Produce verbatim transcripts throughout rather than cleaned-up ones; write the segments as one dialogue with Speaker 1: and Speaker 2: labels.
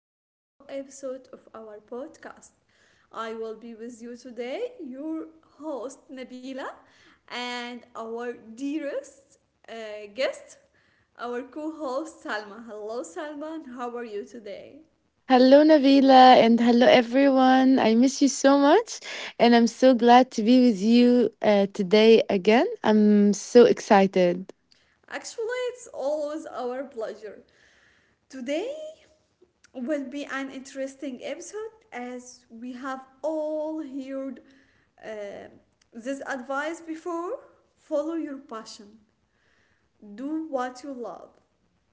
Speaker 1: to a new episode of our podcast. I will be with you today, your host Nabila, and our dearest uh, guest, our co host Salma. Hello, Salma, and how are you today?
Speaker 2: Hello, Nabila, and hello, everyone. I miss you so much, and I'm so glad to be with you uh, today again. I'm so excited.
Speaker 1: Actually, it's always our pleasure. Today, will be an interesting episode as we have all heard uh, this advice before. Follow your passion, do what you love,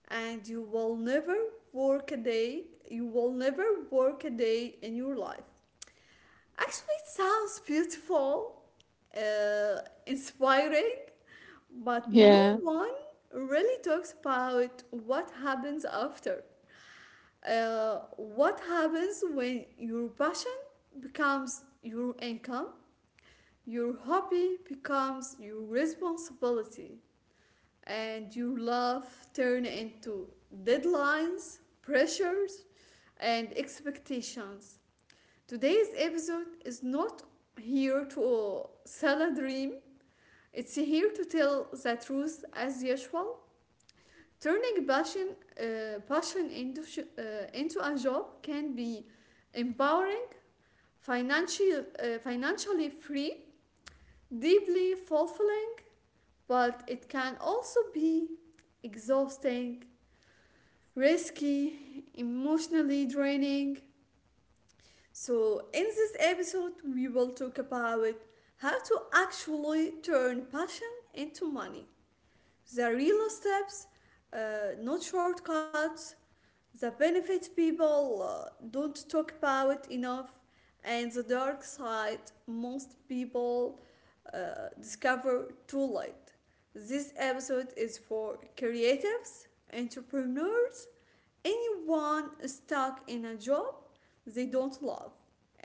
Speaker 1: and you will never work a day. You will never work a day in your life. Actually, it sounds beautiful, uh, inspiring, but no
Speaker 2: Yeah.
Speaker 1: one really talks about what happens after. Uh, what happens when your passion becomes your income, your hobby becomes your responsibility, and your love turn into deadlines, pressures, and expectations. Today's episode is not here to sell a dream. It's here to tell the truth as usual. Turning passion, uh, passion into, uh, into a job can be empowering, financial, uh, financially free, deeply fulfilling, but it can also be exhausting, risky, emotionally draining. So, in this episode, we will talk about how to actually turn passion into money. The real steps, uh, not shortcuts. The benefits people uh, don't talk about enough, and the dark side most people uh, discover too late. This episode is for creatives, entrepreneurs, anyone stuck in a job they don't love,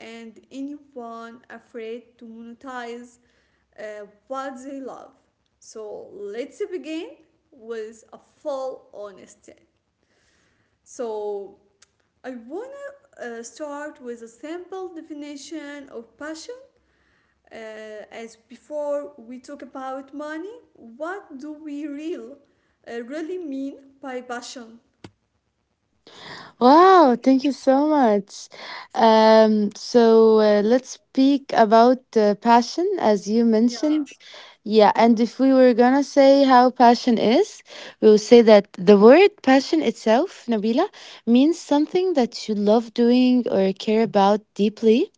Speaker 1: and anyone afraid to monetize uh, what they love. So let's begin with a full honesty. So I wanna uh, start with a simple definition of passion. Uh, as before we talk about money, what do we real, uh, really mean by passion?
Speaker 2: Wow. Thank you so much. Um, so uh, let's speak about uh, passion, as you
Speaker 1: Yeah,
Speaker 2: mentioned. Yeah. And if we were going to say how passion is, we will say that the word passion itself, Nabila, means something that you love doing or care about deeply.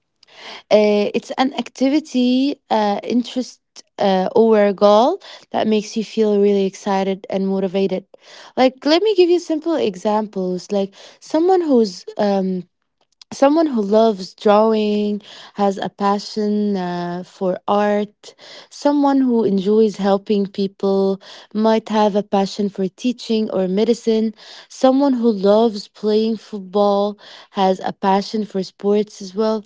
Speaker 2: Uh, it's an activity, uh, interest, uh, or goal that makes you feel really excited and motivated. Like, let me give you simple examples. Like, someone who's um, someone who loves drawing, has a passion uh, for art, someone who enjoys helping people, might have a passion for teaching or medicine, someone who loves playing football, has a passion for sports as well.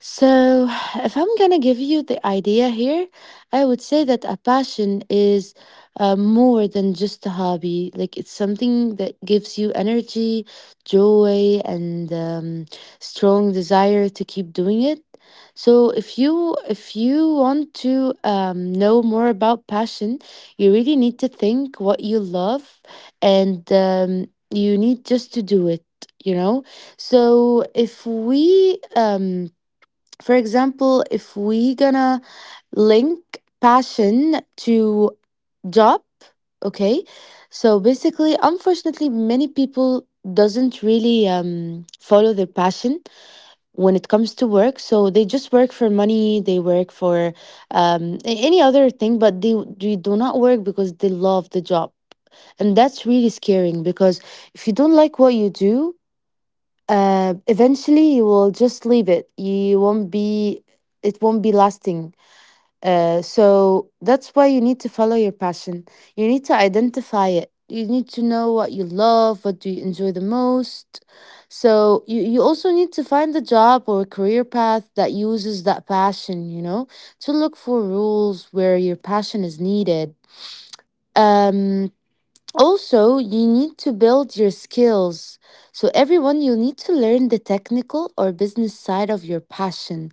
Speaker 2: So, if I'm gonna give you the idea here, I would say that a passion is uh, more than just a hobby. Like, it's something that gives you energy, joy, and um, strong desire to keep doing it. So, if you if you want to um, know more about passion, you really need to think what you love, and um, you need just to do it. You know, so if we um for example, if we gonna link passion to job, okay? So basically, unfortunately, many people doesn't really um, follow their passion when it comes to work. So they just work for money, they work for um, a- any other thing, but they, they do not work because they love the job. And that's really scaring because if you don't like what you do, uh, eventually you will just leave it. You won't be It won't be lasting. Uh, so that's why you need to follow your passion. You need to identify it. You need to know what you love, what do you enjoy the most, so you, you also need to find a job or a career path that uses that passion, you know, to look for rules where your passion is needed. um Also, you need to build your skills. So, everyone, you need to learn the technical or business side of your passion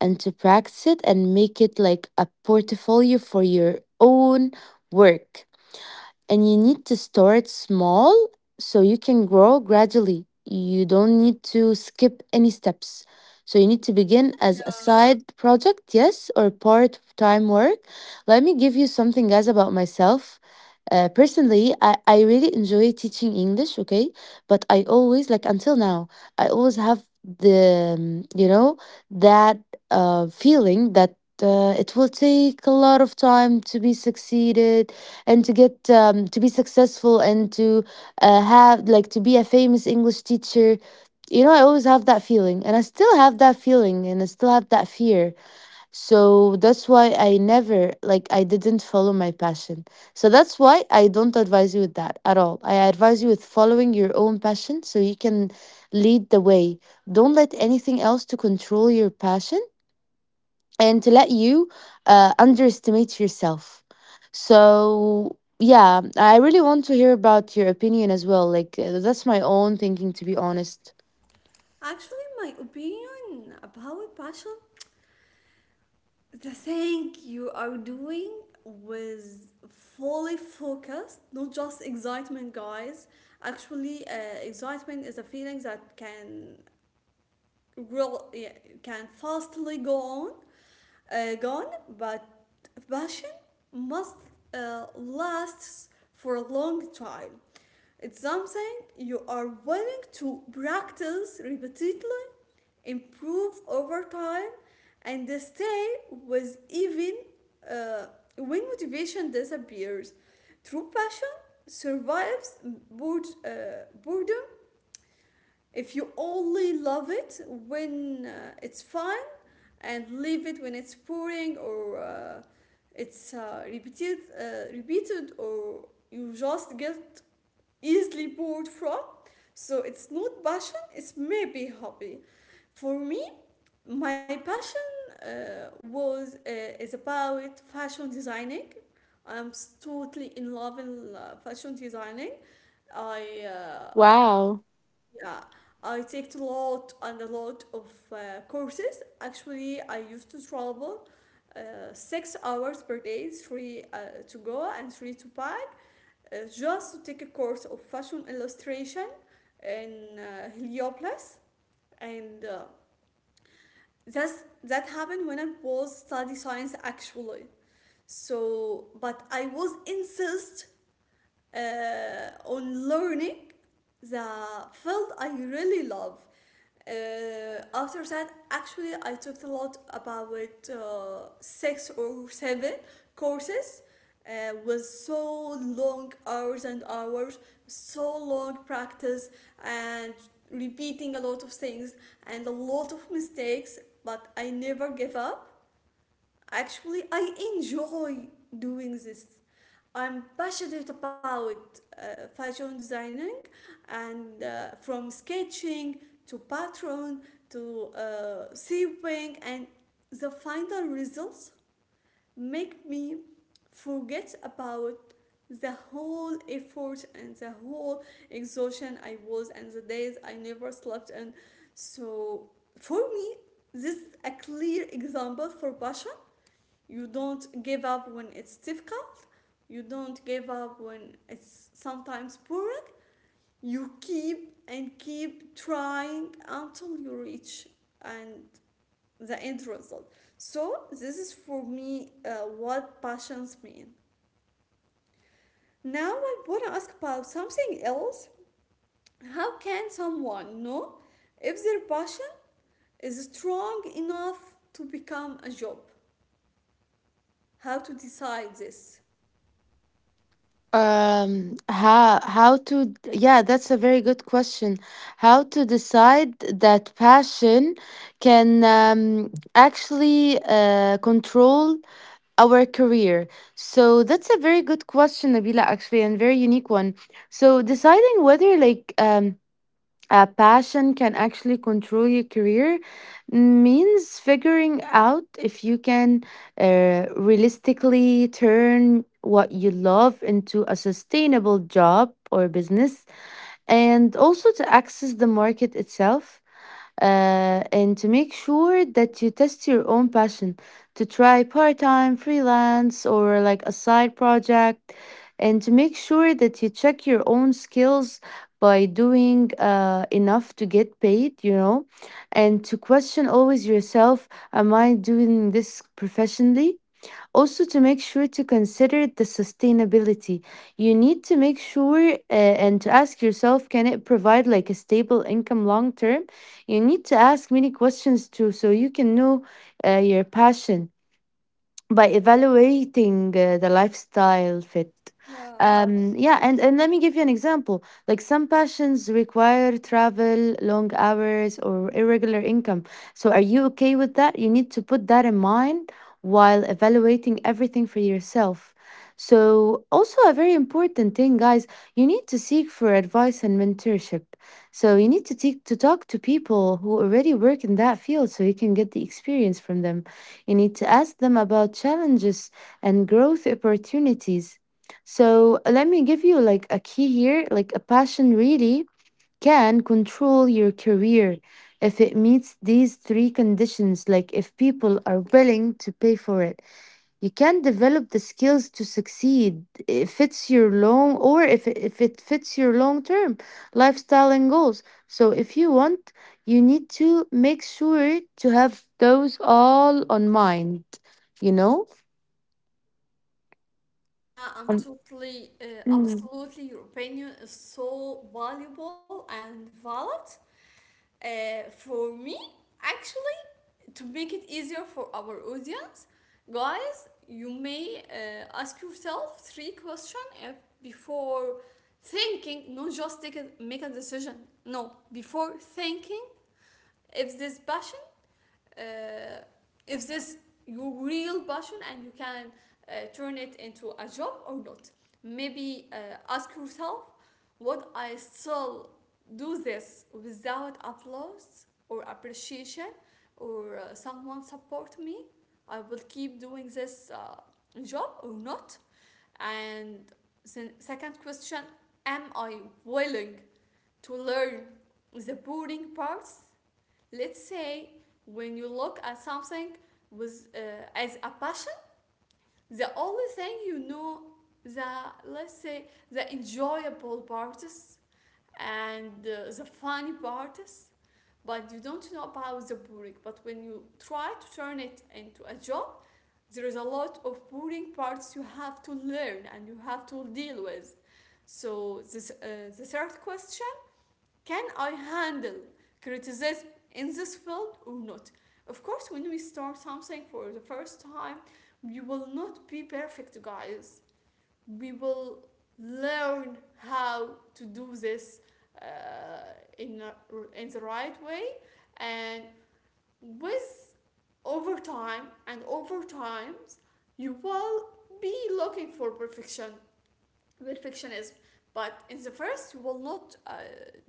Speaker 2: and to practice it and make it like a portfolio for your own work. And you need to start small so you can grow gradually. You don't need to skip any steps. So you need to begin as a
Speaker 1: yeah.
Speaker 2: side project, yes, or part time work. Let me give you something, guys, about myself. Uh, personally, I, I really enjoy teaching English, okay? But I always, like until now, I always have the, um, you know, that uh, feeling that uh, it will take a lot of time to be succeeded and to get um, to be successful and to uh, have like to be a famous English teacher. You know, I always have that feeling, and I still have that feeling, and I still have that fear. So that's why I never like I didn't follow my passion. So that's why I don't advise you with that at all. I advise you with following your own passion so you can lead the way. Don't let anything else to control your passion and to let you uh, underestimate yourself. So, yeah, I really want to hear about your opinion as well. Like, uh, that's my own thinking, to be honest.
Speaker 1: Actually, my opinion about passion, the thing you are doing with fully focused, not just excitement, guys. Actually, uh, excitement is a feeling that can real yeah, can fastly go on, uh, gone, but passion must uh, lasts for a long time. It's something you are willing to practice repeatedly, improve over time, and stay with even uh, when motivation disappears. True passion survives bored, uh, boredom if you only love it when uh, it's fine and leave it when it's pouring or uh, it's uh, repeated, uh, repeated or you just get easily bored from. So it's not passion, it's maybe hobby. For me, my passion uh, was uh, is about fashion designing. I'm totally in love with uh, fashion designing. I uh,
Speaker 2: Wow.
Speaker 1: yeah, I take a lot and a lot of uh, courses. Actually, I used to travel uh, six hours per day, three uh, to go and three to back, uh, just to take a course of fashion illustration in uh, Heliopolis. And uh, that's, that happened when I was study science actually. So, but I was insist uh, on learning the field I really love. uh, after that actually I talked a lot about uh, six or seven courses uh, with so long hours and hours, so long practice, and repeating a lot of things and a lot of mistakes, but I never gave up. Actually, I enjoy doing this. I'm passionate about uh, fashion designing, and uh, from sketching to pattern to uh, sewing, and the final results make me forget about the whole effort and the whole exhaustion I was and the days I never slept. And so for me, this is a clear example for passion. You don't give up when it's difficult. You don't give up when it's sometimes boring. You keep and keep trying until you reach and the end result. So this is for me uh, what passions mean. Now I want to ask about something else. How can someone know if their passion is strong enough to become a job? How to decide this?
Speaker 2: Um, how how to yeah, that's a very good question. How to decide that passion can um, actually uh, control our career? So that's a very good question, Nabila, actually, and very unique one. So deciding whether like um a passion can actually control your career means figuring out if you can uh, realistically turn what you love into a sustainable job or business, and also to access the market itself, uh, and to make sure that you test your own passion, to try part-time freelance or like a side project, and to make sure that you check your own skills by doing uh, enough to get paid, you know, and to question always yourself, am I doing this professionally? Also, to make sure to consider the sustainability, you need to make sure uh, and to ask yourself, can it provide like a stable income long term? You need to ask many questions too, so you can know uh, your passion by evaluating uh, the lifestyle fit.
Speaker 1: Yeah.
Speaker 2: Um, yeah, and, and let me give you an example. Like some passions require travel, long hours, or irregular income. So, are you okay with that? You need to put that in mind while evaluating everything for yourself. So, also a very important thing, guys, you need to seek for advice and mentorship. So, you need to, take to talk to people who already work in that field so you can get the experience from them. You need to ask them about challenges and growth opportunities. So, let me give you like a key here, like a passion really can control your career if it meets these three conditions, like if people are willing to pay for it. You can develop the skills to succeed if it's your long or if, it- if it fits your long term lifestyle and goals. So, if you want, you need to make sure to have those all on mind, you know?
Speaker 1: Yeah, I'm
Speaker 2: And-
Speaker 1: totally, uh,
Speaker 2: Mm.
Speaker 1: absolutely. Your opinion is so valuable and valid. Uh, for me, actually, to make it easier for our audience, guys, you may uh, ask yourself three questions if before thinking, not just take a, make a decision. No, before thinking, if this passion uh, if this your real passion and you can uh, turn it into a job or not, maybe uh, ask yourself, would I still do this without applause or appreciation or uh, someone support me, I will keep doing this uh, job or not. And the second question, am I willing to learn the boring parts? Let's say when you look at something with uh, as a passion, the only thing you know, the, let's say, the enjoyable parts and uh, the funny parts, but you don't know about the boring. But when you try to turn it into a job, there is a lot of boring parts you have to learn and you have to deal with. So this uh, the third question, can I handle criticism in this field or not? Of course, when we start something for the first time, we will not be perfect, guys. We will learn how to do this uh, in, a, in the right way, and with over time and over times you will be looking for perfection perfectionism, but in the first you will not uh,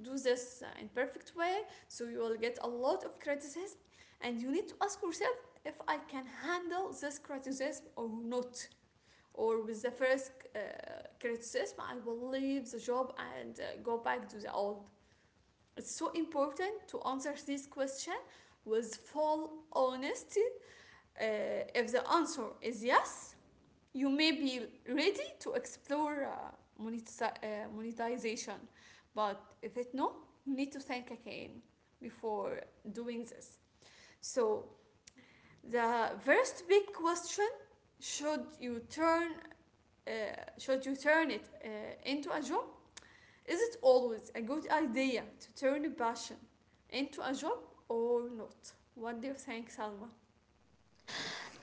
Speaker 1: do this uh, in perfect way, so you will get a lot of criticism, and you need to ask yourself if I can handle this criticism or not, or with the first uh, criticism I will leave the job and uh, go back to the old. It's so important to answer this question with full honesty. Uh, if the answer is yes, you may be ready to explore uh, uh, monetization, but if it no, you need to think again before doing this. So the first big question: Should you turn uh, should you turn it uh, into a job? Is it always a good idea to turn a passion into a job or not? What do you think, Salma?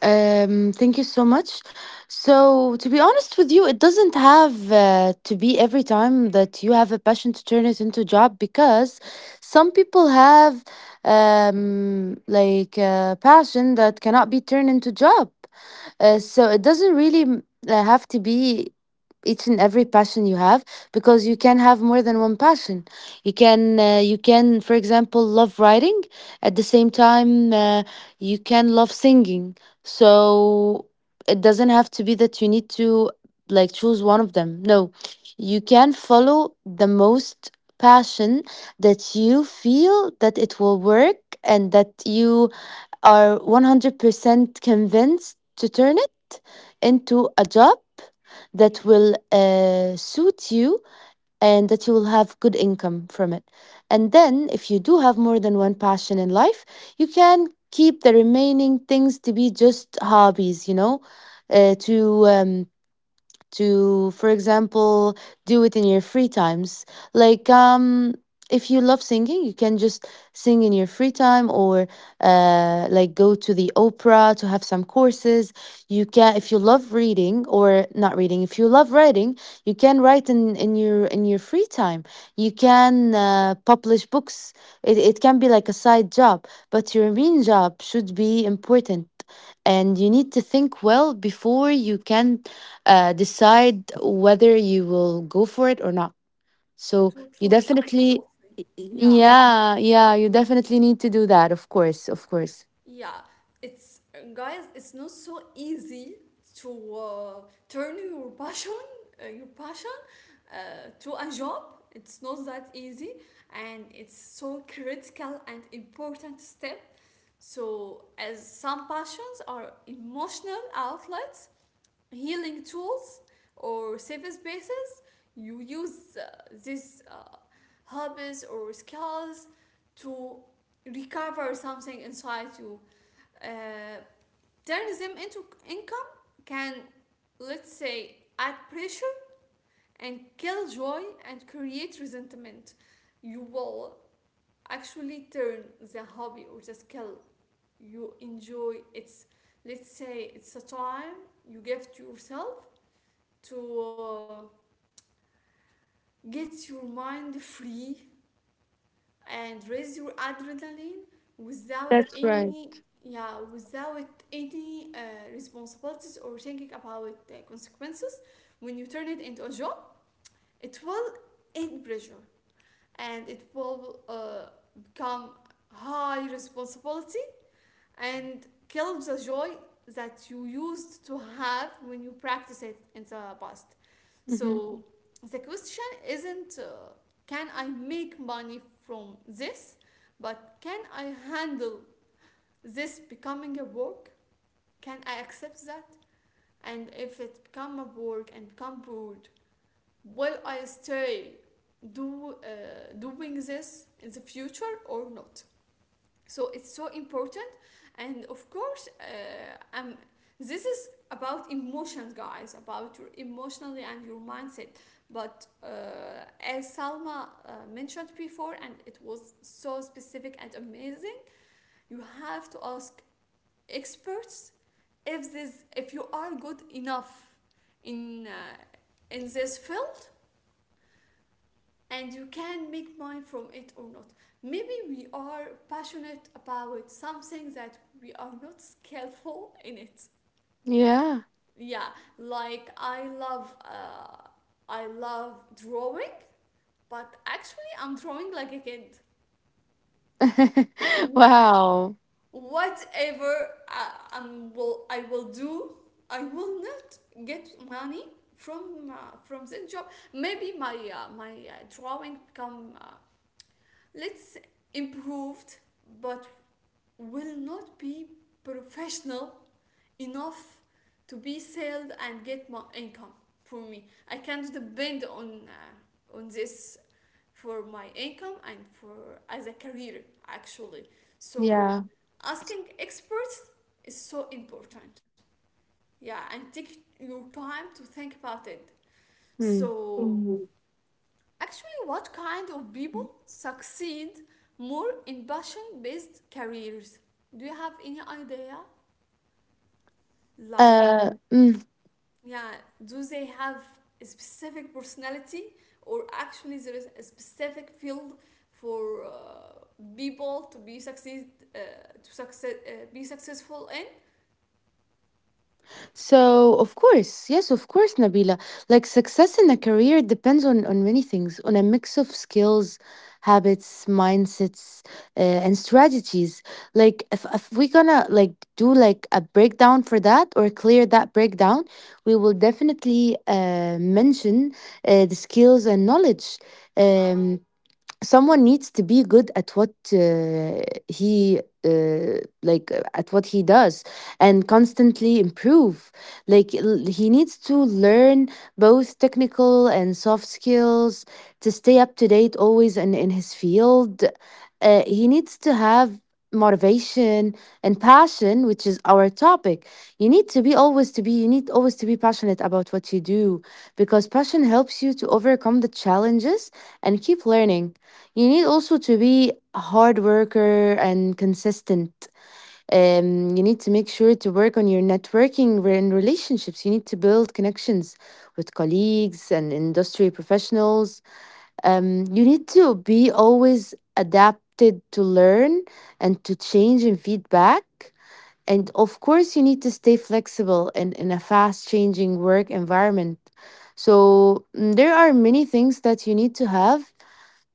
Speaker 2: Um, thank you so much. So, to be honest with you, it doesn't have uh, to be every time that you have a passion to turn it into a job because some people have um, like a passion that cannot be turned into job. Uh, so it doesn't really m- uh, have to be each and every passion you have because you can have more than one passion. You can uh, you can, for example, love writing at the same time. Uh, you can love singing. So it doesn't have to be that you need to like choose one of them. No, you can follow the most passion that you feel that it will work and that you are one hundred percent convinced to turn it into a job that will uh, suit you and that you will have good income from it. And then, if you do have more than one passion in life, you can keep the remaining things to be just hobbies, you know, uh, to um, to, for example, do it in your free times. Like, um, if you love singing, you can just sing in your free time, or uh, like go to the opera to have some courses. You can, if you love reading or not reading, if you love writing, you can write in, in your in your free time. You can uh, publish books. It, it can be like a side job, but your main job should be important, and you need to think well before you can uh, decide whether you will go for it or not. So you
Speaker 1: Totally,
Speaker 2: definitely,
Speaker 1: absolutely. Yeah,
Speaker 2: yeah, yeah, you definitely need to do that. Of course, of course.
Speaker 1: yeah, it's guys, it's not so easy to uh, turn your passion, uh, your passion, uh, to a job. It's not that easy, and it's so critical and important step. So, as some passions are emotional outlets, healing tools, or safe spaces, you use uh, these uh, hobbies or skills to recover something inside you. Uh, turns them into income can, let's say, add pressure and kill joy and create resentment. You will actually turn the hobby or the skill you enjoy. It's, let's say, it's a time you give to yourself to uh, get your mind free and raise your adrenaline without
Speaker 2: That's right.
Speaker 1: any, yeah, without any uh, responsibilities or thinking about the consequences when you turn it into a job. It will add pressure, and it will uh, become high responsibility and kill the joy that you used to have when you practice it in the past.
Speaker 2: Hmm.
Speaker 1: So the question isn't uh, can I make money from this, but can I handle this becoming a work? Can I accept that? And if it become a work and become bored, will I stay do uh, doing this in the future or not? So it's so important. And of course, uh, um, this is about emotions, guys, about your emotionally and your mindset. But uh, as Salma uh, mentioned before, and it was so specific and amazing, you have to ask experts if this, if you are good enough in uh, in this field, and you can make money from it or not. Maybe we are passionate about something that we are not skillful in it.
Speaker 2: Yeah.
Speaker 1: Yeah, like I love uh, I love drawing, but actually I'm drawing like a kid. Yeah,
Speaker 2: Wow.
Speaker 1: whatever I, I'm will I will do, I will not get money from uh, from this job. Maybe my uh, my uh, drawing become, uh, let's, improved, but will not be professional enough to be sold and get my income. For me, I can't depend on uh, on this for my income and for as a career actually. So
Speaker 2: Yeah.
Speaker 1: asking experts is so important. Yeah, and take your time to think about it.
Speaker 2: Mm.
Speaker 1: So actually, what kind of people succeed more in passion based careers? Do you have any idea? Like,
Speaker 2: Uh, mhm.
Speaker 1: yeah, do they have a specific personality, or actually, there is a specific field for uh, people to be succeed, uh, to success uh, be successful in?
Speaker 2: So, of course, yes, of course, Nabila. Like success in a career depends on on many things, on a mix of skills, habits, mindsets, uh, and strategies. Like if if we gonna like do like a breakdown for that or clear that breakdown, we will definitely uh, mention uh, the skills and knowledge. Um, Someone needs to be good at what uh, he uh, like uh, at what he does and constantly improve. Like l- he needs to learn both technical and soft skills to stay up to date always in, in his field. Uh, he needs to have motivation and passion, which is our topic. You need to be always to be you need always to be passionate about what you do because passion helps you to overcome the challenges and keep learning. You need also to be a hard worker and consistent. Um, you need to make sure to work on your networking re- and relationships. You need to build connections with colleagues and industry professionals. Um, you need to be always adapted to learn and to change and feedback. And of course, you need to stay flexible in, in a fast changing work environment. So mm, there are many things that you need to have,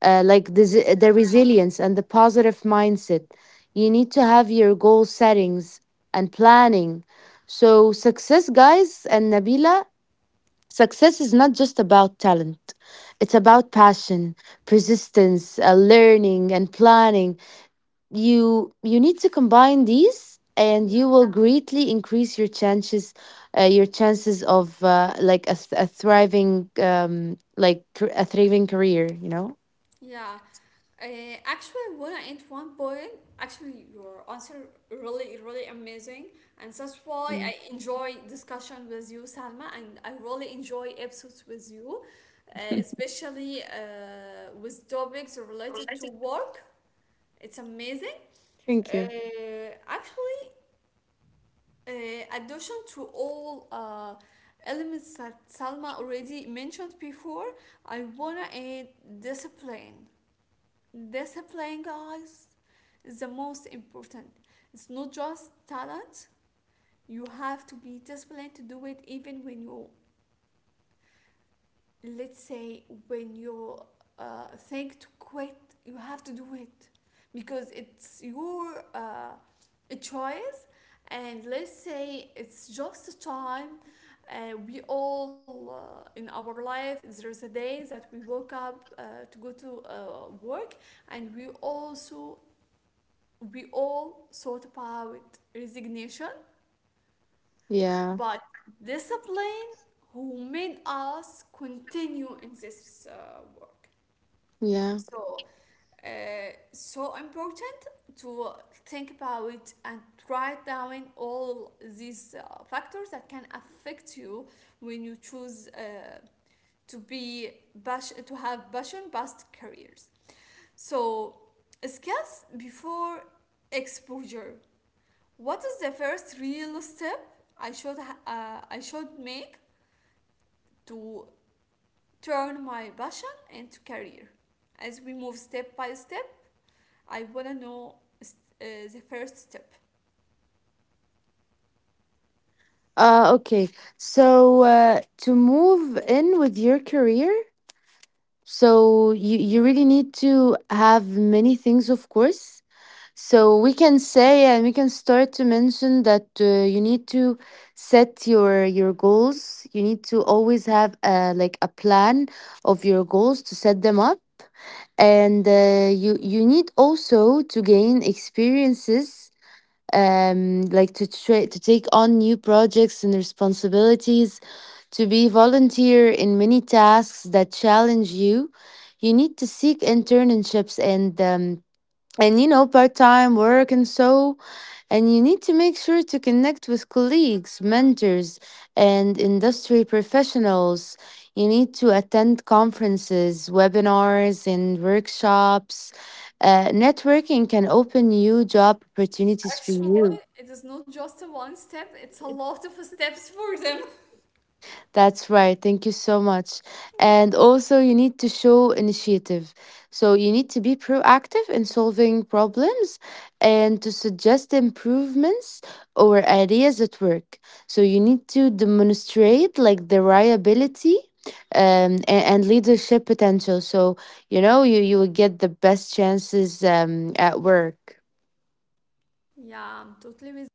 Speaker 2: uh, like the, z- the resilience and the positive mindset. You need to have your goal settings and planning. So, success, guys, and Nabila, success is not just about talent, it's about passion, persistence, uh, learning, and planning. You, you need to combine these. And you will greatly increase your chances, uh, your chances of uh, like a, th- a thriving, um, like thr- a thriving career. You know.
Speaker 1: Yeah. Uh, Actually, I wanna add one point. Actually, your answer really, really amazing, and that's why I enjoy discussion with you, Salma, and I really enjoy episodes with you, uh, especially uh, with topics related to work. It's amazing.
Speaker 2: Thank you.
Speaker 1: Uh, actually, uh, addition to all uh, elements that Salma already mentioned before, I wanna add discipline discipline guys, is the most important. It's not just talent. You have to be disciplined to do it, even when you let's say when you uh, think to quit. You have to do it because it's your uh, choice. And let's say, it's just time. Uh, we all, uh, in our life there's a day that we woke up uh, to go to uh, work, and we also, we all thought about resignation,
Speaker 2: Yeah,
Speaker 1: but discipline who made us continue in this uh, work.
Speaker 2: yeah.
Speaker 1: So, uh, so important to think about and write down all these uh, factors that can affect you when you choose uh, to be passion, to have passion-based careers. So, skills before exposure. What is the first real step I should ha- uh, I should make to turn my passion into career? As we move step by step, I wanna know s- uh, the first step.
Speaker 2: Uh, okay. So uh, to move in with your career, so you you really need to have many things, of course. So we can say and we can start to mention that uh, you need to set your your goals. You need to always have uh like a plan of your goals to set them up, and uh, you you need also to gain experiences, um, like to try to take on new projects and responsibilities, to be volunteer in many tasks that challenge you. You need to seek internships and um, and you know part-time work and so, and you need to make sure to connect with colleagues, mentors, and industry professionals. You need to attend conferences, webinars, and workshops. Uh, networking can open new job opportunities for you.
Speaker 1: Actually, it is not just a one step; it's a lot of steps for them.
Speaker 2: That's right. Thank you so much.
Speaker 1: Yeah,
Speaker 2: And also, you need to show initiative. So, you need to be proactive in solving problems and to suggest improvements or ideas at work. So, you need to demonstrate like the reliability, um, a- and, leadership potential. So, you know, you, you will get the best chances um, at work.
Speaker 1: yeah, I'm totally with.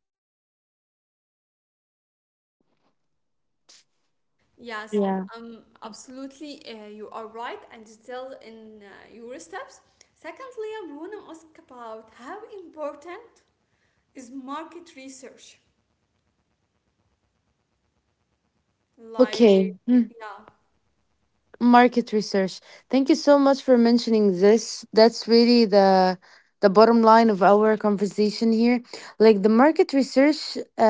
Speaker 1: Yes,
Speaker 2: Yeah.
Speaker 1: um, absolutely, uh, you are right, and still in uh, your steps. Secondly, I wanna ask about how important is market research.
Speaker 2: Okay.
Speaker 1: Like, yeah.
Speaker 2: Market research. Thank you so much for mentioning this. That's really the the bottom line of our conversation here. Like the market research, uh,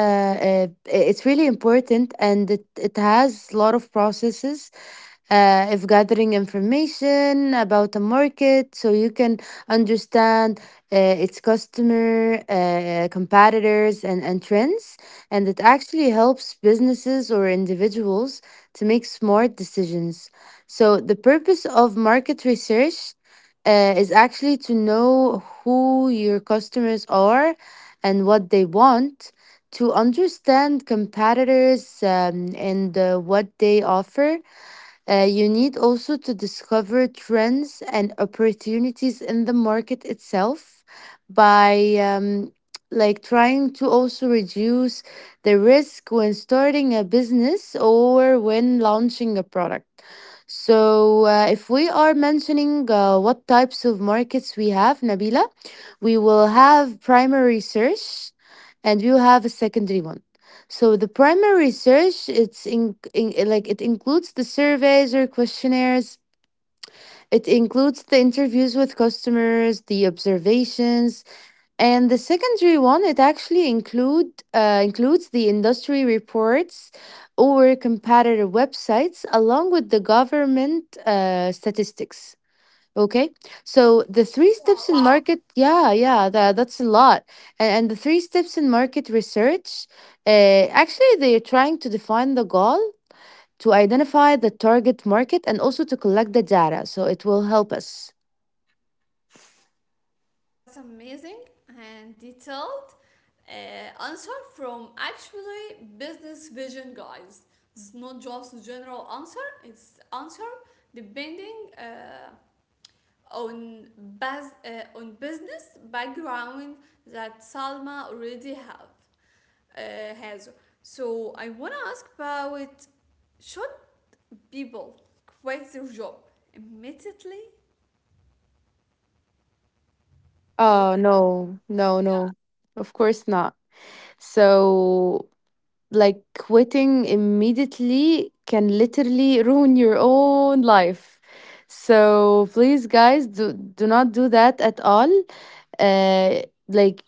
Speaker 2: uh, it's really important, and it it has a lot of processes. Uh, of gathering information about the market so you can understand uh, its customer, uh, competitors, and, and trends. And it actually helps businesses or individuals to make smart decisions. So, the purpose of market research uh, is actually to know who your customers are and what they want, to understand competitors, um, and uh, what they offer. Uh, you need also to discover trends and opportunities in the market itself by um, like trying to also reduce the risk when starting a business or when launching a product. So, uh, if we are mentioning uh, what types of markets we have, Nabila, we will have primary search and we will have a secondary one. So the primary research, it's in, in like it includes the surveys or questionnaires, it includes the interviews with customers, the observations. And the secondary one, it actually include uh, includes the industry reports or competitor websites along with the government uh, statistics. Okay, so the three steps in. Wow.
Speaker 1: Wow,
Speaker 2: Market, yeah, yeah, that, that's a lot. And, and the three steps in market research, uh, actually, they're trying to define the goal, to identify the target market, and also to collect the data. So it will help us.
Speaker 1: that's amazing and detailed uh, answer from actually business vision, guys. It's not just general answer; it's answer depending uh, on, bas- uh, on business background that Salma already have uh, has. So I wanna ask, about should people quit their job immediately?
Speaker 2: Oh,
Speaker 1: Like,
Speaker 2: no, no,
Speaker 1: yeah.
Speaker 2: no, of course not. So, like, quitting immediately can literally ruin your own life. So please, guys, do do not do that at all. uh, like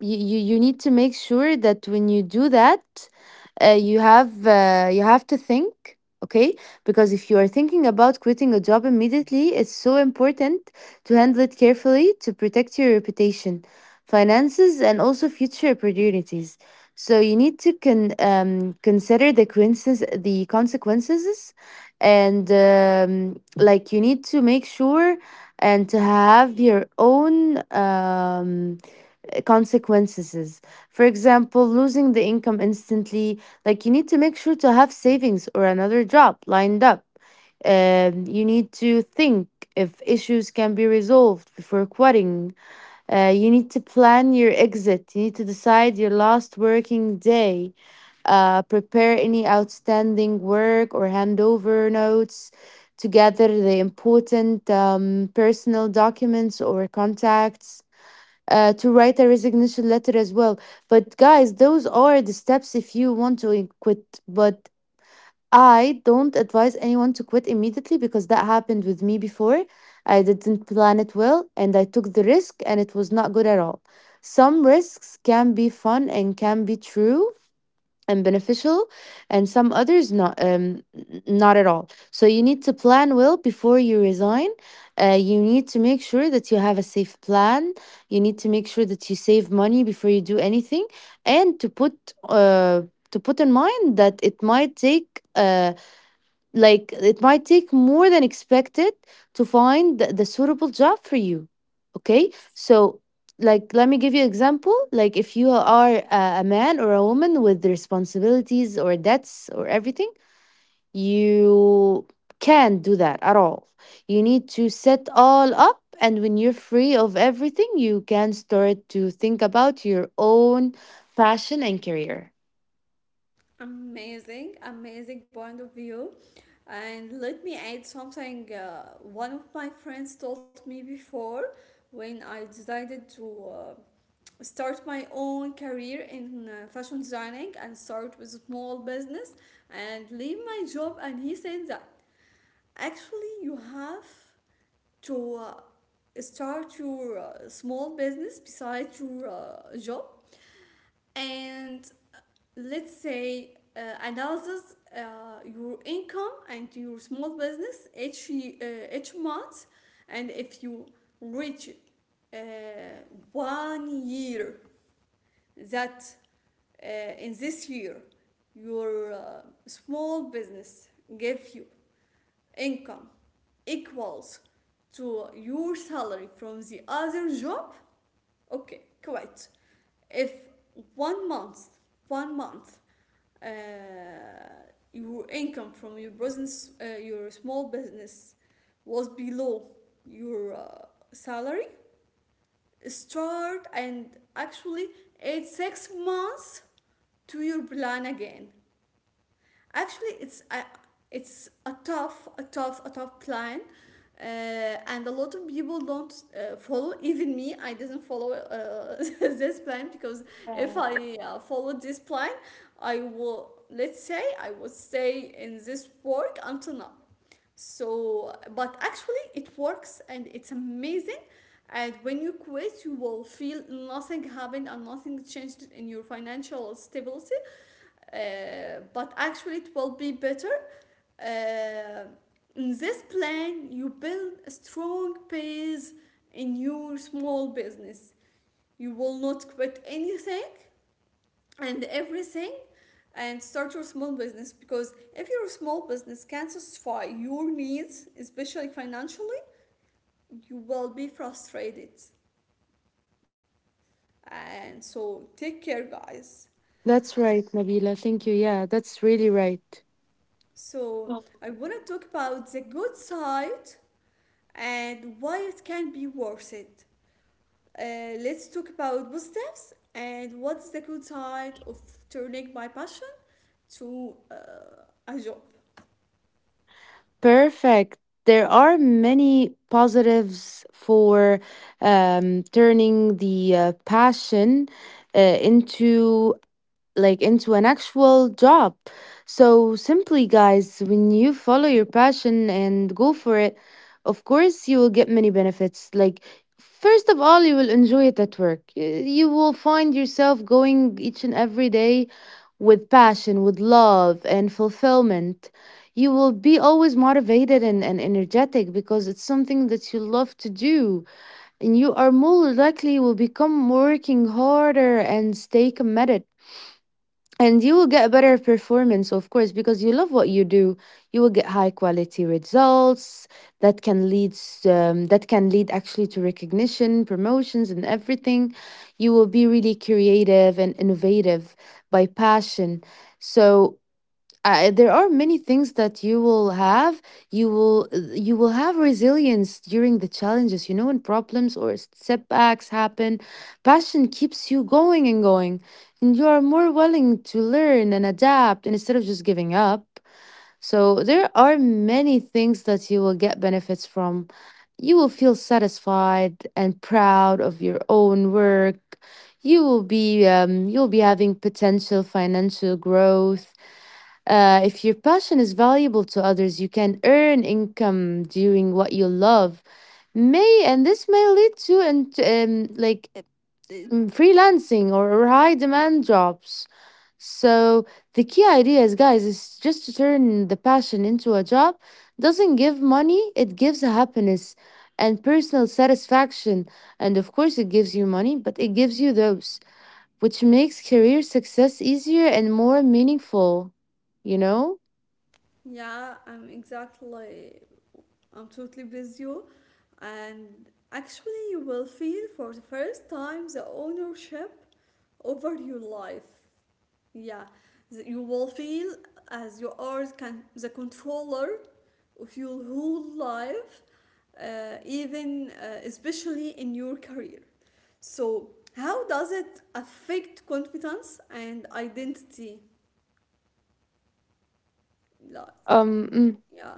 Speaker 2: you, you you need to make sure that when you do that, uh, you have uh, you have to think, okay, because if you are thinking about quitting a job immediately, it's so important to handle it carefully to protect your reputation, finances, and also future opportunities. So you need to con- um, consider the coincidence, the consequences, and um, like you need to make sure and to have your own um, uh, consequences. For example, losing the income instantly, like you need to make sure to have savings or another job lined up. Um, you need to think if issues can be resolved before quitting. Uh, you need to plan your exit. You need to decide your last working day. Uh, prepare any outstanding work or handover notes. To gather the important um, personal documents or contacts, uh, to write a resignation letter as well. But guys, those are the steps if you want to quit. But I don't advise anyone to quit immediately because that happened with me before. I didn't plan it well and I took the risk and it was not good at all. Some risks can be fun and can be true and beneficial, and some others not, um n- not at all. So you need to plan well before you resign. Uh, you need to make sure that you have a safe plan. You need to make sure that you save money before you do anything, and to put uh to put in mind that it might take uh, like it might take more than expected to find the, the suitable job for you. Okay, so like let me give you example. Like if you are a, a man or a woman with responsibilities or debts or everything, you can't do that at all. You need to set all up. And when you're free of everything, you can start to think about your own passion and career.
Speaker 1: Amazing, amazing point of view. And let me add something. Uh, one of my friends told me before, when I decided to uh, start my own career in uh, fashion designing and start with a small business and leave my job. And he said that actually you have to uh, start your uh, small business besides your uh, job, and let's say, uh, analysis uh, your income and your small business each ye- uh, each month. And if you reach uh, one year that, uh, in this year your uh, small business gave you income equals to your salary from the other job, okay, quite. If one month one month uh, your income from your business, uh, your small business, was below your uh, salary, start and actually add six months to your plan again. Actually, it's a, it's a tough, a tough, a tough plan, uh, and a lot of people don't uh, follow. Even me, I didn't follow uh, this plan, because if I uh, followed this plan, I will let's say I would stay in this work until now. So, but actually, it works and it's amazing. And when you quit, you will feel nothing happened and nothing changed in your financial stability, uh, but actually it will be better. Uh, in this plan, you build a strong base in your small business. You will not quit anything and everything and start your small business, because if your small business can not satisfy your needs, especially financially, you will be frustrated. And so, take care, guys.
Speaker 2: That's right, Nabila. Thank you. Yeah, that's really right.
Speaker 1: So, I want to talk about the good side and why it can be worth it. Uh, let's talk about positives and what's the good side of turning my passion to uh, a job.
Speaker 2: Perfect. There are many positives for um, turning the uh, passion uh, into like into an actual job. So simply guys, when you follow your passion and go for it, of course you will get many benefits. Like first of all, you will enjoy it at work. Y- You will find yourself going each and every day with passion, with love and fulfillment. You will be always motivated and, and energetic because it's something that you love to do. And you are more likely will become working harder and stay committed, and you will get better performance, of course, because you love what you do. You will get high quality results that can lead s- um, that can lead actually to recognition, promotions, and everything. You will be really creative and innovative by passion. So, uh, there are many things that you will have. You will you will have resilience during the challenges, you know, when problems or setbacks happen. Passion keeps you going and going, and you are more willing to learn and adapt and instead of just giving up. So there are many things that you will get benefits from. You will feel satisfied and proud of your own work. You will be um, you'll be having potential financial growth. Uh, if your passion is valuable to others, you can earn income doing what you love. May and This may lead to and um, like um, freelancing or or high demand jobs. So the key ideas, guys, is just to turn the passion into a job. Doesn't give money; it gives happiness and personal satisfaction. And of course, it gives you money, but it gives you those which makes career success easier and more meaningful, you know?
Speaker 1: Yeah, I'm exactly, I'm totally with you. And actually, you will feel for the first time the ownership over your life. Yeah, th- you will feel as you are can, the controller of your whole life, uh, even uh, especially in your career. So, how does it affect confidence and identity? Like,
Speaker 2: Um mm.
Speaker 1: yeah,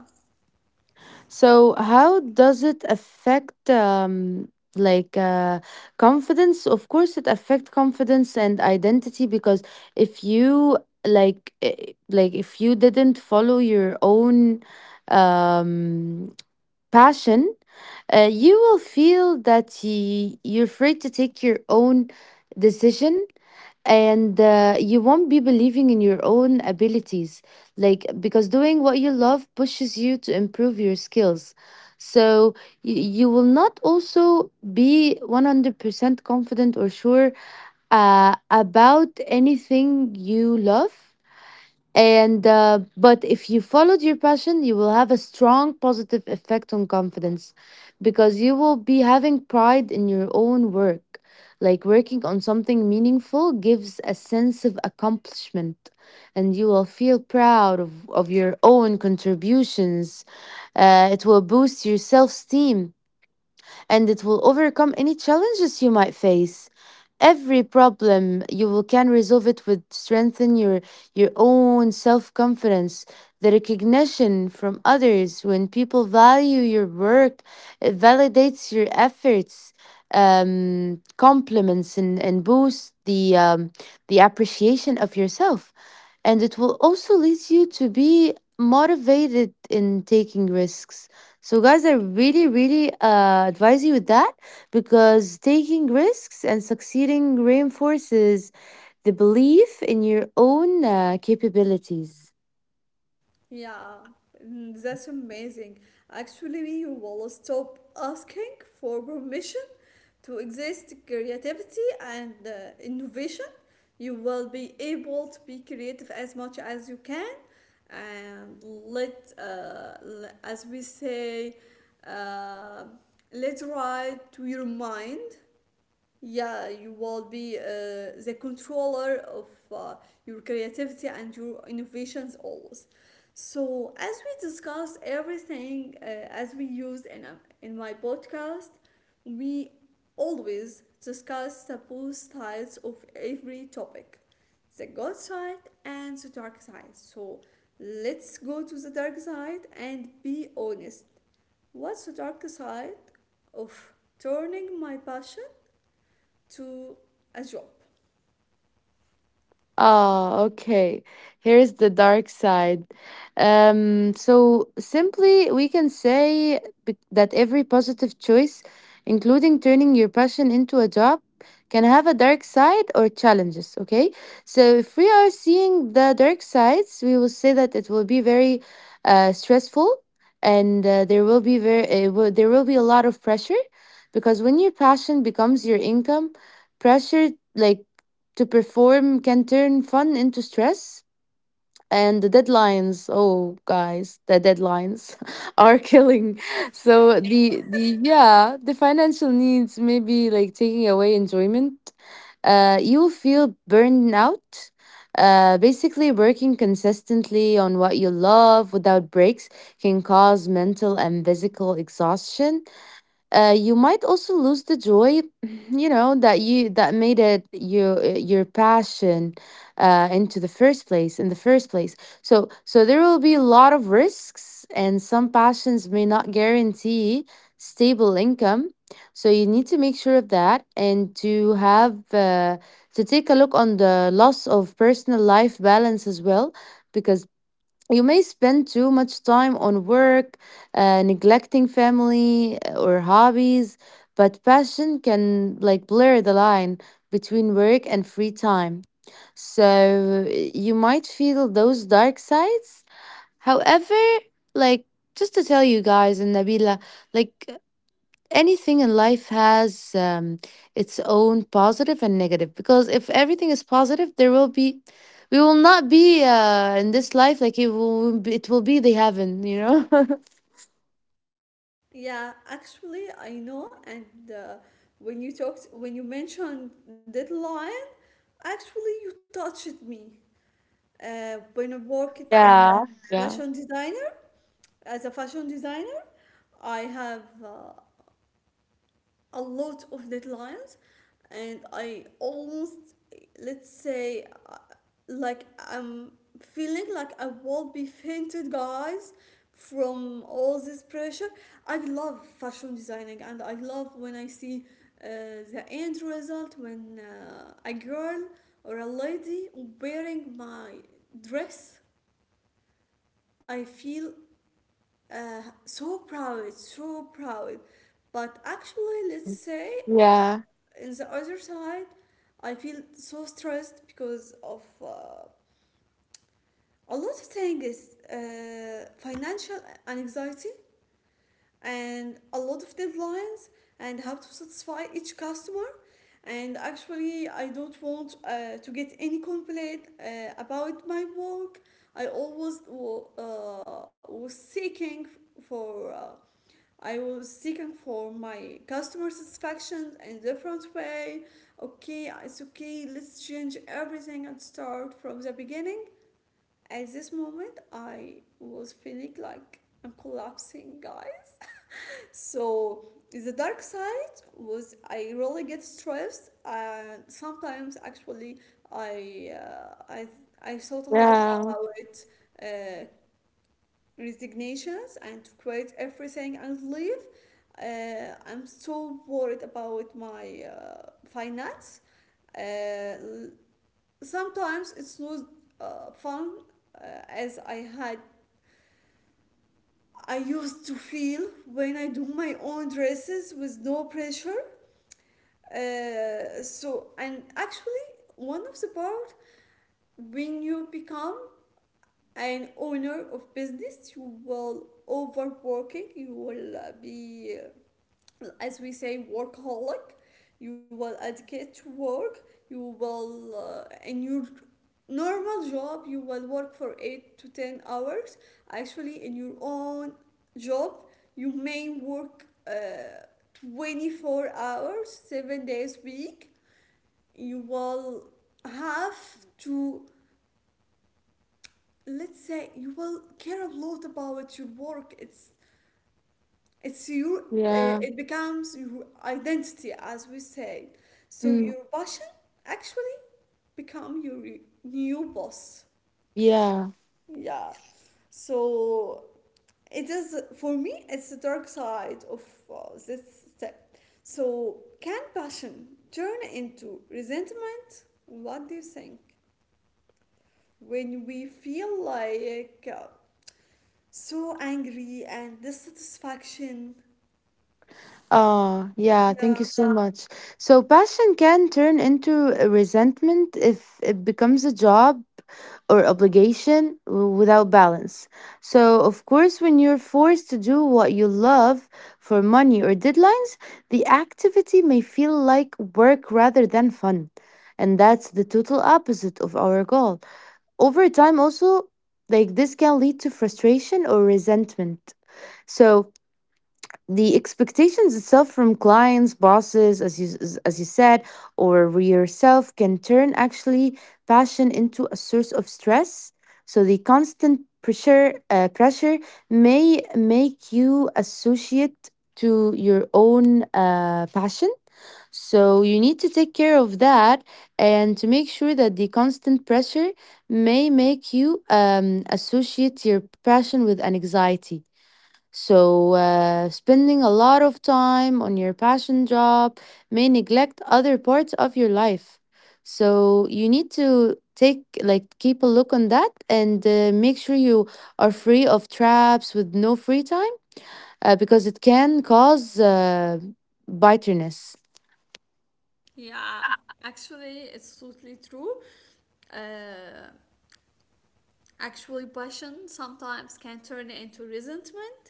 Speaker 2: So how does it affect um like uh confidence? Of course it affect confidence and identity because if you like eh, like if you didn't follow your own um passion, uh, you will feel that y- you're free to take your own decision, and uh, you won't be believing in your own abilities, like because doing what you love pushes you to improve your skills. So you, you will not also be one hundred percent confident or sure uh, about anything you love. And uh, but if you followed your passion, you will have a strong positive effect on confidence because you will be having pride in your own work. Like working on something meaningful gives a sense of accomplishment, and you will feel proud of, of your own contributions. Uh, it will boost your self esteem and it will overcome any challenges you might face. Every problem you will can resolve it with strengthen your your own self-confidence, the recognition from others. When people value your work, it validates your efforts, um, compliments, and, and boosts the um, the appreciation of yourself, and it will also lead you to be motivated in taking risks. So, guys, I really, really uh, advise you with that because taking risks and succeeding reinforces the belief in your own uh, capabilities.
Speaker 1: yeah, mm, that's amazing. Actually, you will stop asking for permission to exist creativity and uh, innovation. You will be able to be creative as much as you can, and let, uh, as we say, uh, let's write to your mind. Yeah, you will be uh, the controller of uh, your creativity and your innovations always. So, as we discuss everything uh, as we use in, uh, in my podcast, we always discuss the both sides of every topic, the good side and the dark side. So, let's go to the dark side and be honest. What's the dark side of turning my passion to a job?
Speaker 2: Oh, okay. Here's the dark side. Um, so simply, we can say be- that every positive choice, including turning your passion into a job, can have a dark side or challenges. Okay. So if we are seeing the dark sides, we will say that it will be very uh, stressful, and uh, there will be very it will, there will be a lot of pressure, because when your passion becomes your income, pressure like to perform can turn fun into stress. And the deadlines, oh guys, the deadlines are killing.
Speaker 1: Yep.
Speaker 2: So the the yeah, the financial needs may be like taking away enjoyment. Uh, you feel burned out. Uh, basically, working consistently on what you love without breaks can cause mental and physical exhaustion. Uh, you might also lose the joy you know that you that made it your your passion uh, into the first place in the first place. So so there will be a lot of risks and some passions may not guarantee stable income. So you need to make sure of that and to have uh, to take a look on the loss of personal life balance as well, because you may spend too much time on work, uh, neglecting family uh, or hobbies, but passion can like blur the line between work and free time. So you might feel those dark sides. However, like just to tell you guys and Nabila, like anything in life has um, its own positive and negative, because if everything is positive there will be we will not be uh, in this life. Like it will be- it will be the heaven, you know.
Speaker 1: Yeah, actually, I know. And uh, when you talked, when you mentioned deadline, actually, you touched me. Uh, when I worked in
Speaker 2: yeah yeah
Speaker 1: fashion designer, As a fashion designer, I have uh, a lot of deadlines, and I almost, let's say, uh, like I'm feeling like I will be fainted, guys, from all this pressure. I love fashion designing, and I love when I see uh, the end result when uh, a girl or a lady wearing my dress. I feel uh, so proud, so proud. But actually, let's say,
Speaker 2: yeah
Speaker 1: in the other side I feel so stressed because of uh, a lot of things, uh, financial anxiety and a lot of deadlines and how to satisfy each customer. And actually, I don't want uh, to get any complaint uh, about my work. I always wa- uh, was seeking for, uh, I was seeking for my customer satisfaction in a different way. Okay, it's okay. Let's change everything and start from the beginning. At this moment, I was feeling like I'm collapsing, guys. So the dark side was I really get stressed, and sometimes actually I uh, I I thought a lot about it. uh, Resignations and to quit everything and leave. Uh, I'm so worried about my uh, finance. Uh, Sometimes it's not uh, fun uh, as I had. I used to feel when I do my own dresses with no pressure. Uh, so, and actually, one of the part, when you become an owner of business, you will overworking. You will, uh, be, uh, as we say, workaholic. You will dedicate to work. You will, uh, in your normal job you will work for eight to ten hours. Actually, in your own job you may work uh, twenty-four hours seven days a week. You will have to, let's say, you will care a lot about your work. It's It's your,
Speaker 2: yeah
Speaker 1: uh, it becomes your identity, as we say. So
Speaker 2: mm,
Speaker 1: your passion actually become your new boss.
Speaker 2: yeah
Speaker 1: Yeah. So it is for me. It's the dark side of uh, this step. So can passion turn into resentment? What do you think? When we feel like uh, so angry and dissatisfaction.
Speaker 2: Oh, yeah, thank
Speaker 1: Yeah.
Speaker 2: you so Yeah. much. So, passion can turn into a resentment if it becomes a job or obligation w- without balance. So, of course, when you're forced to do what you love for money or deadlines, the activity may feel like work rather than fun. And that's the total opposite of our goal. Over time, also, like this can lead to frustration or resentment. So, the expectations itself from clients, bosses, as you s- as you said, or yourself, can turn actually passion into a source of stress. So the constant pressure, uh, pressure may make you associate to your own uh, passion, so you need to take care of that, and to make sure that the constant pressure may make you um, associate your passion with an anxiety. So, uh, spending a lot of time on your passion job may neglect other parts of your life. So, you need to take, like, keep a look on that, and uh, make sure you are free of traps with no free time, uh, because it can cause uh, bitterness.
Speaker 1: Yeah, actually, it's totally true. Uh, Actually, passion sometimes can turn into resentment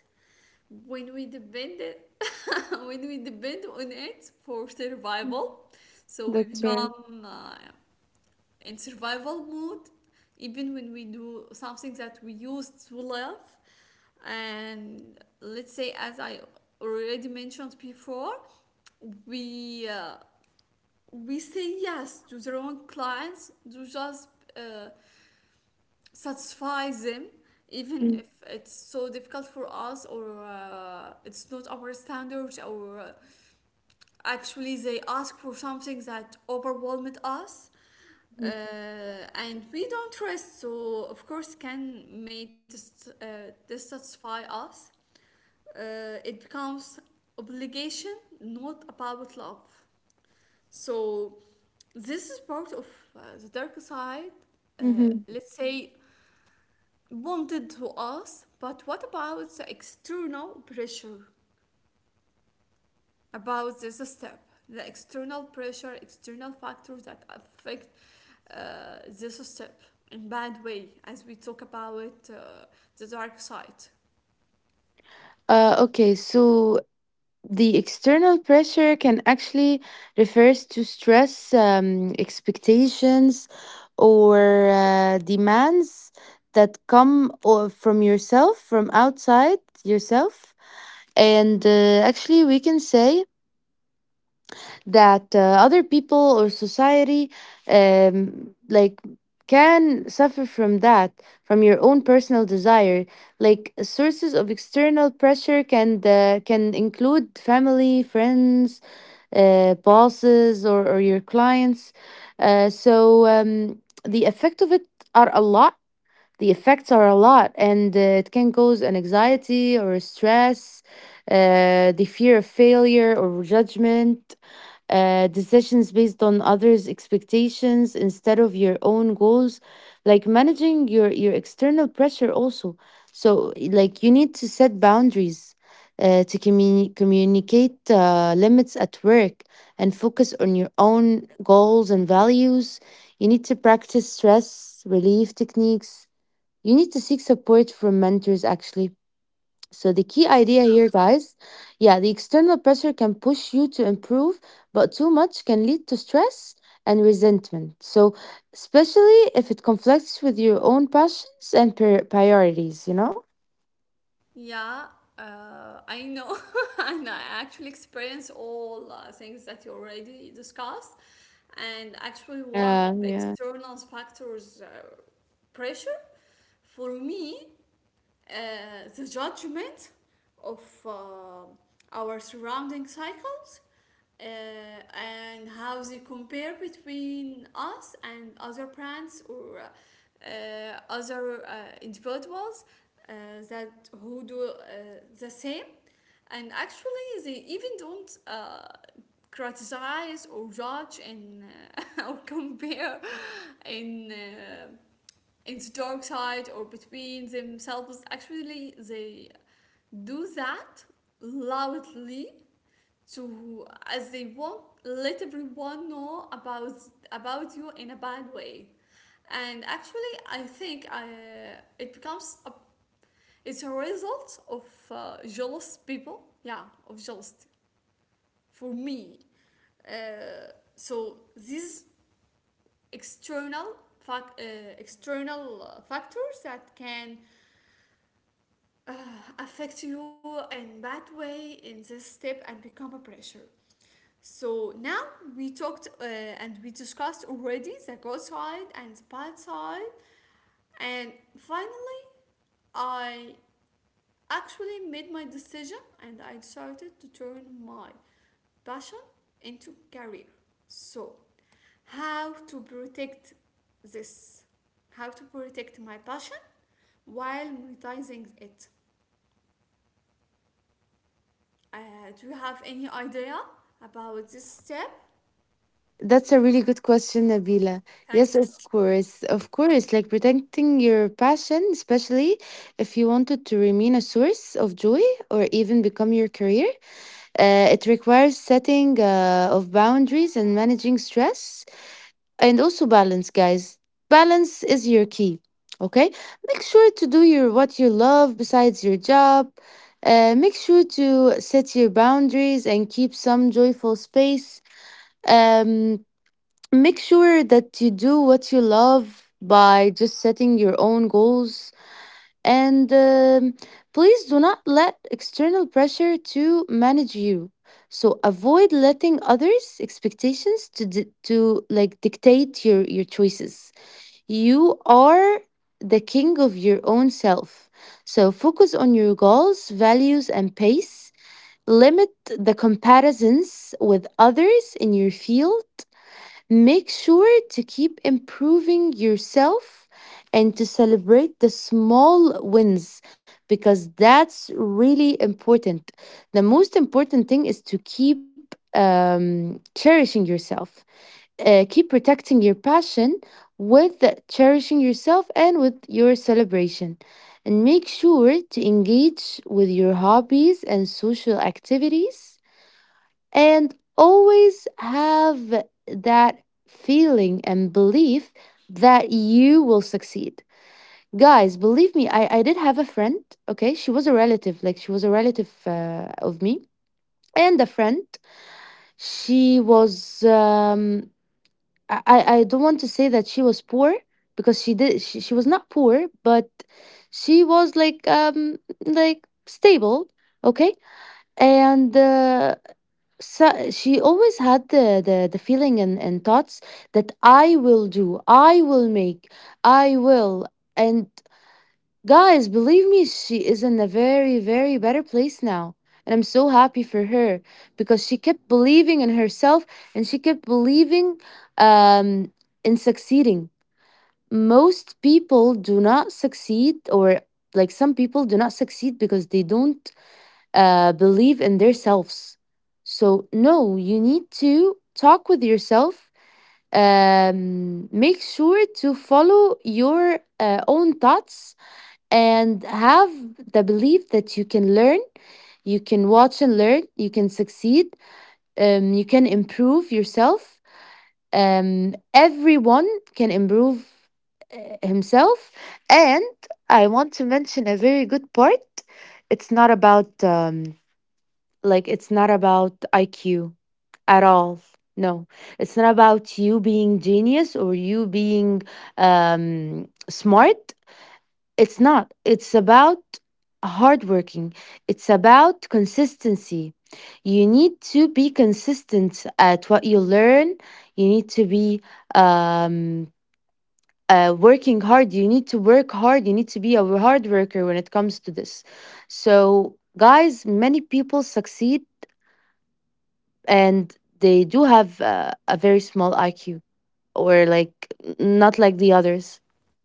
Speaker 1: when we depend it, when we depend on it for survival. So we become uh, in survival mode, even when we do something that we used to love. And let's say, as I already mentioned before, we uh, we say yes to the wrong clients to just uh, satisfy them, even if it's so difficult for us, or uh, it's not our standards, or uh, actually they ask for something that overwhelmed us, uh, and we don't trust. So of course can may dis- uh, dissatisfy us. Uh, it becomes obligation, not about love. So this is part of uh, the dark side, uh,
Speaker 2: Mhm.
Speaker 1: let's say, bonded to us. But what about the external pressure about this step? The external pressure, external factors that affect uh, the system in bad way, as we talk about uh, the dark side.
Speaker 2: Uh, okay, so the external pressure can actually refers to stress, um, expectations or uh, demands that come or from yourself, from outside yourself. And uh, actually we can say that uh, other people or society um, like can suffer from that, from your own personal desire. Like, sources of external pressure can uh, can include family, friends, uh, bosses, or, or your clients. uh, so um, the effect of it are a lot. The effects are a lot, and uh, it can cause an anxiety or stress, uh, the fear of failure or judgment, uh, decisions based on others' expectations instead of your own goals. Like, managing your, your external pressure also. So, like, you need to set boundaries, uh, to communi- communicate uh, limits at work, and focus on your own goals and values. You need to practice stress relief techniques. You need to seek support from mentors, actually. So the key idea here, guys, yeah, the external pressure can push you to improve, but too much can lead to stress and resentment. So, especially if it conflicts with your own passions and pri- priorities, you know?
Speaker 1: Yeah, uh, I know, and I actually experience all uh, things that you already discussed. And actually, one of
Speaker 2: Yeah, yeah.
Speaker 1: external factors, uh, pressure, for me, uh, the judgment of uh, our surrounding cycles, uh, and how they compare between us and other brands or uh, other uh, individuals uh, that who do uh, the same. And actually, they even don't uh, criticize or judge, and uh, or compare in uh, in the dark side or between themselves. Actually they do that loudly, to as they walk let everyone know about about you in a bad way. And actually, I think I it becomes a, it's a result of uh, jealous people, yeah, of jealousy, for me. uh, so these external fact uh, external uh, factors that can uh, affect you in bad way in this step and become a pressure. So now, we talked uh, and we discussed already the good side and the bad side, and finally I actually made my decision, and I decided to turn my passion into career. So how to protect this, how to protect my passion while monetizing it? Uh, do you have any idea about this step?
Speaker 2: That's a really good question, Nabila.
Speaker 1: Thank
Speaker 2: Yes, of
Speaker 1: you.
Speaker 2: course. Of course. Like, protecting your passion, especially if you wanted to remain a source of joy or even become your career, Uh, it requires setting uh, of boundaries, and managing stress, and also balance, guys. Balance is your key. Okay, make sure to do your what you love besides your job. Uh, make sure to set your boundaries and keep some joyful space. Um, Make sure that you do what you love by just setting your own goals, and um, please do not let external pressure to manage you. So avoid letting others' expectations to di- to like dictate your your choices. You are the king of your own self. So focus on your goals, values, and pace. Limit the comparisons with others in your field. Make sure to keep improving yourself and to celebrate the small wins, because that's really important. The most important thing is to keep um, cherishing yourself, uh, keep protecting your passion with cherishing yourself and with your celebration. And make sure to engage with your hobbies and social activities, and always have that feeling and belief that you will succeed. Guys, believe me, i, I did have a friend. Okay, she was a relative. Like, she was a relative uh, of me, and a friend. She was um I, I I don't want to say that she was poor, because she did she, she was not poor, but she was like um like stable. Okay. And uh, so she always had the, the the feeling and and thoughts that I will do, I will make, I will. And guys, believe me, she is in a very, very better place now, and I'm so happy for her, because she kept believing in herself, and she kept believing, um in succeeding. Most people do not succeed, or like, some people do not succeed because they don't uh, believe in themselves. So, no, you need to talk with yourself. Um, make sure to follow your uh, own thoughts, and have the belief that you can learn, you can watch and learn, you can succeed, um, you can improve yourself. Um, everyone can improve uh, himself. And I want to mention a very good part. It's not about um, like, it's not about I Q at all. No, it's not about you being genius, or you being um, smart. It's not. It's about hardworking. It's about consistency. You need to be consistent at what you learn. You need to be um, uh, working hard. You need to work hard. You need to be a hard worker when it comes to this. So, guys, many people succeed, and they do have uh, a very small I Q, or like, not like the others.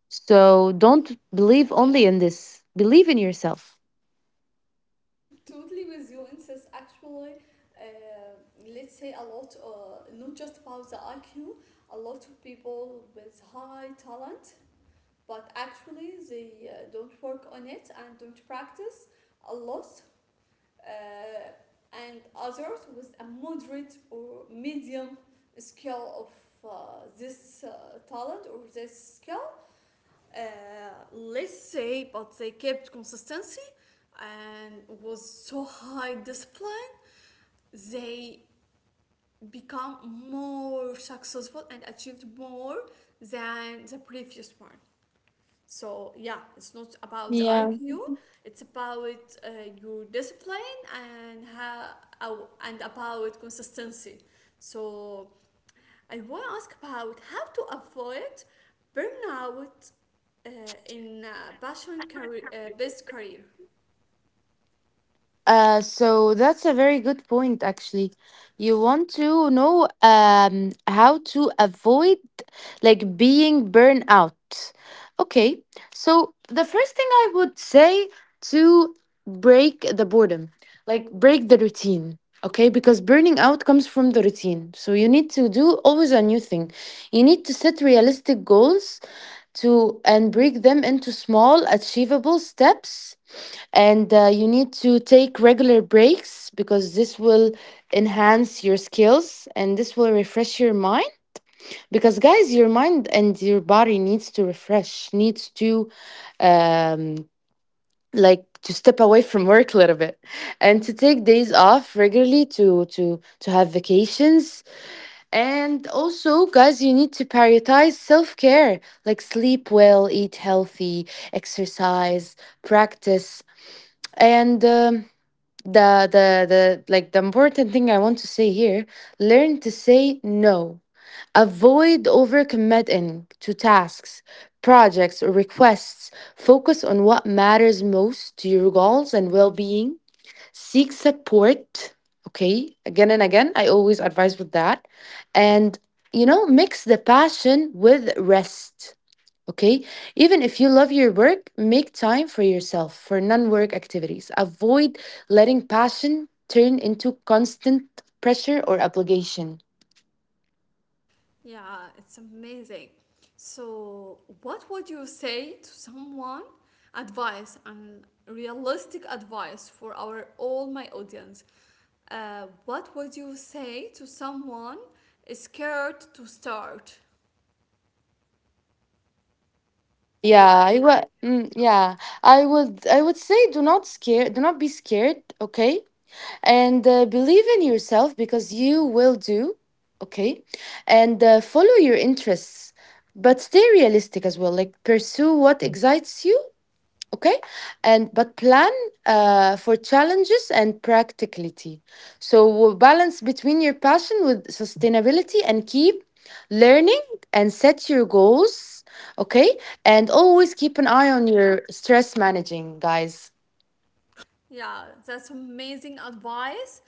Speaker 2: So don't
Speaker 1: Yeah,
Speaker 2: believe only in this. Believe in yourself.
Speaker 1: totally with you, Insis. Actually, uh, let's say a lot, uh, not just about the I Q, a lot of people with high talent, but actually they uh, don't work on it and don't practice a lot. Uh, and others with a moderate or medium skill of uh, this uh, talent or this skill, uh, let's say, but they kept consistency and was so high discipline. They become more successful and achieved more than the previous one. So yeah, it's not about the I Q. It's about uh, your discipline and how how- and about consistency. So I want to ask about how to avoid burnout uh, in uh, passion career, uh, based career.
Speaker 2: Uh, so that's a very good point, actually. You want to know um, how to avoid, like, being burned out. Okay, so the first thing I would say, to break the boredom, like break the routine. Okay, because burning out comes from the routine. So you need to do always a new thing. You need to set realistic goals, to and break them into small achievable steps, and uh, you need to take regular breaks, because this will enhance your skills, and this will refresh your mind. Because guys, your mind and your body needs to refresh, needs to, um like, to step away from work a little bit, and to take days off regularly, to to to have vacations. And also, guys, you need to prioritize self-care, like sleep well, eat healthy, exercise, practice. And um, the the the like the important thing I want to say here, learn to say no. Avoid overcommitting to tasks, projects, or requests. Focus on what matters most to your goals and well-being. Seek support. Okay, again and again, I always advise with that. And you know, mix the passion with rest. Okay. Even if you love your work, make time for yourself, for non work activities. Avoid letting passion turn into constant pressure or obligation.
Speaker 1: Yeah, it's amazing. So, what would you say to someone? Advice and realistic advice for our all my audience. Uh, what would you say to someone scared to start?
Speaker 2: Yeah, yeah, I
Speaker 1: Like.
Speaker 2: would. Mm, yeah, I would. I would say, do not scare. Do not be scared. Okay, and uh, believe in yourself, because you will do. Okay, and uh, follow your interests, but stay realistic as well. Like, pursue what excites you. Okay. And but plan uh, for challenges and practicality, so we'll balance between your passion with sustainability, and keep learning, and set your goals. Okay. And always keep an eye on your stress managing, guys.
Speaker 1: Yeah, that's amazing advice.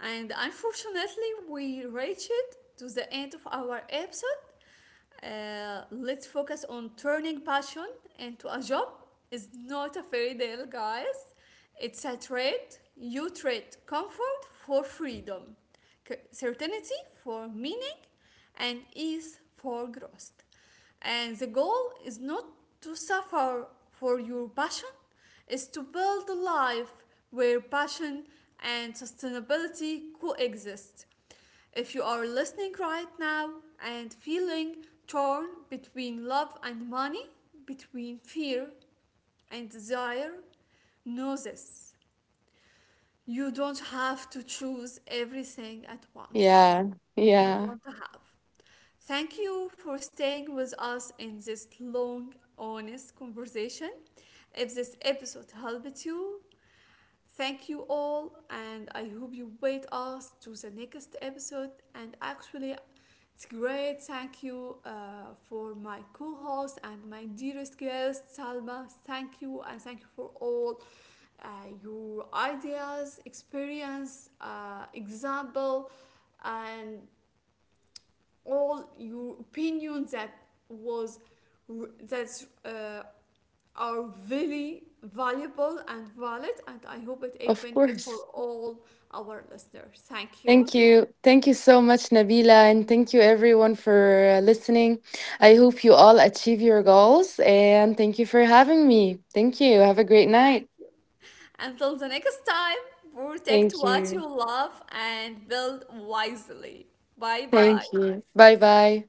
Speaker 1: And unfortunately, we reached to the end of our episode. Uh, let's focus on turning passion into a job. It's not a fairy tale, guys. It's a trade. You trade comfort for freedom, c- certainty for meaning, and ease for growth. And the goal is not to suffer for your passion, is to build a life where passion and sustainability coexist. If you are listening right now and feeling torn between love and money, between fear and desire, know this. You don't have to choose everything at once.
Speaker 2: yeah
Speaker 1: You
Speaker 2: yeah
Speaker 1: don't have. Thank you for staying with us in this long, honest conversation. If this episode helped you, thank you all, and I hope you wait us to the next episode. And actually, it's great. Thank you uh, for my co-host and my dearest guest Salma. Thank you, and thank you for all uh, your ideas, experience, uh, example, and all your opinions that was r- that's uh, are really valuable and valid, and I hope it it
Speaker 2: of
Speaker 1: benefit for
Speaker 2: course.
Speaker 1: all our listeners. Thank you,
Speaker 2: Thank you. Thank you so much, Nabila. And thank you, everyone, for uh, listening. I hope you all achieve your goals. And thank you for having me. Thank you. Have a great
Speaker 1: thank
Speaker 2: night.
Speaker 1: you. Until the next time, protect
Speaker 2: Thank
Speaker 1: what you
Speaker 2: you.
Speaker 1: love and build wisely. Bye bye.
Speaker 2: Thank you. Bye bye.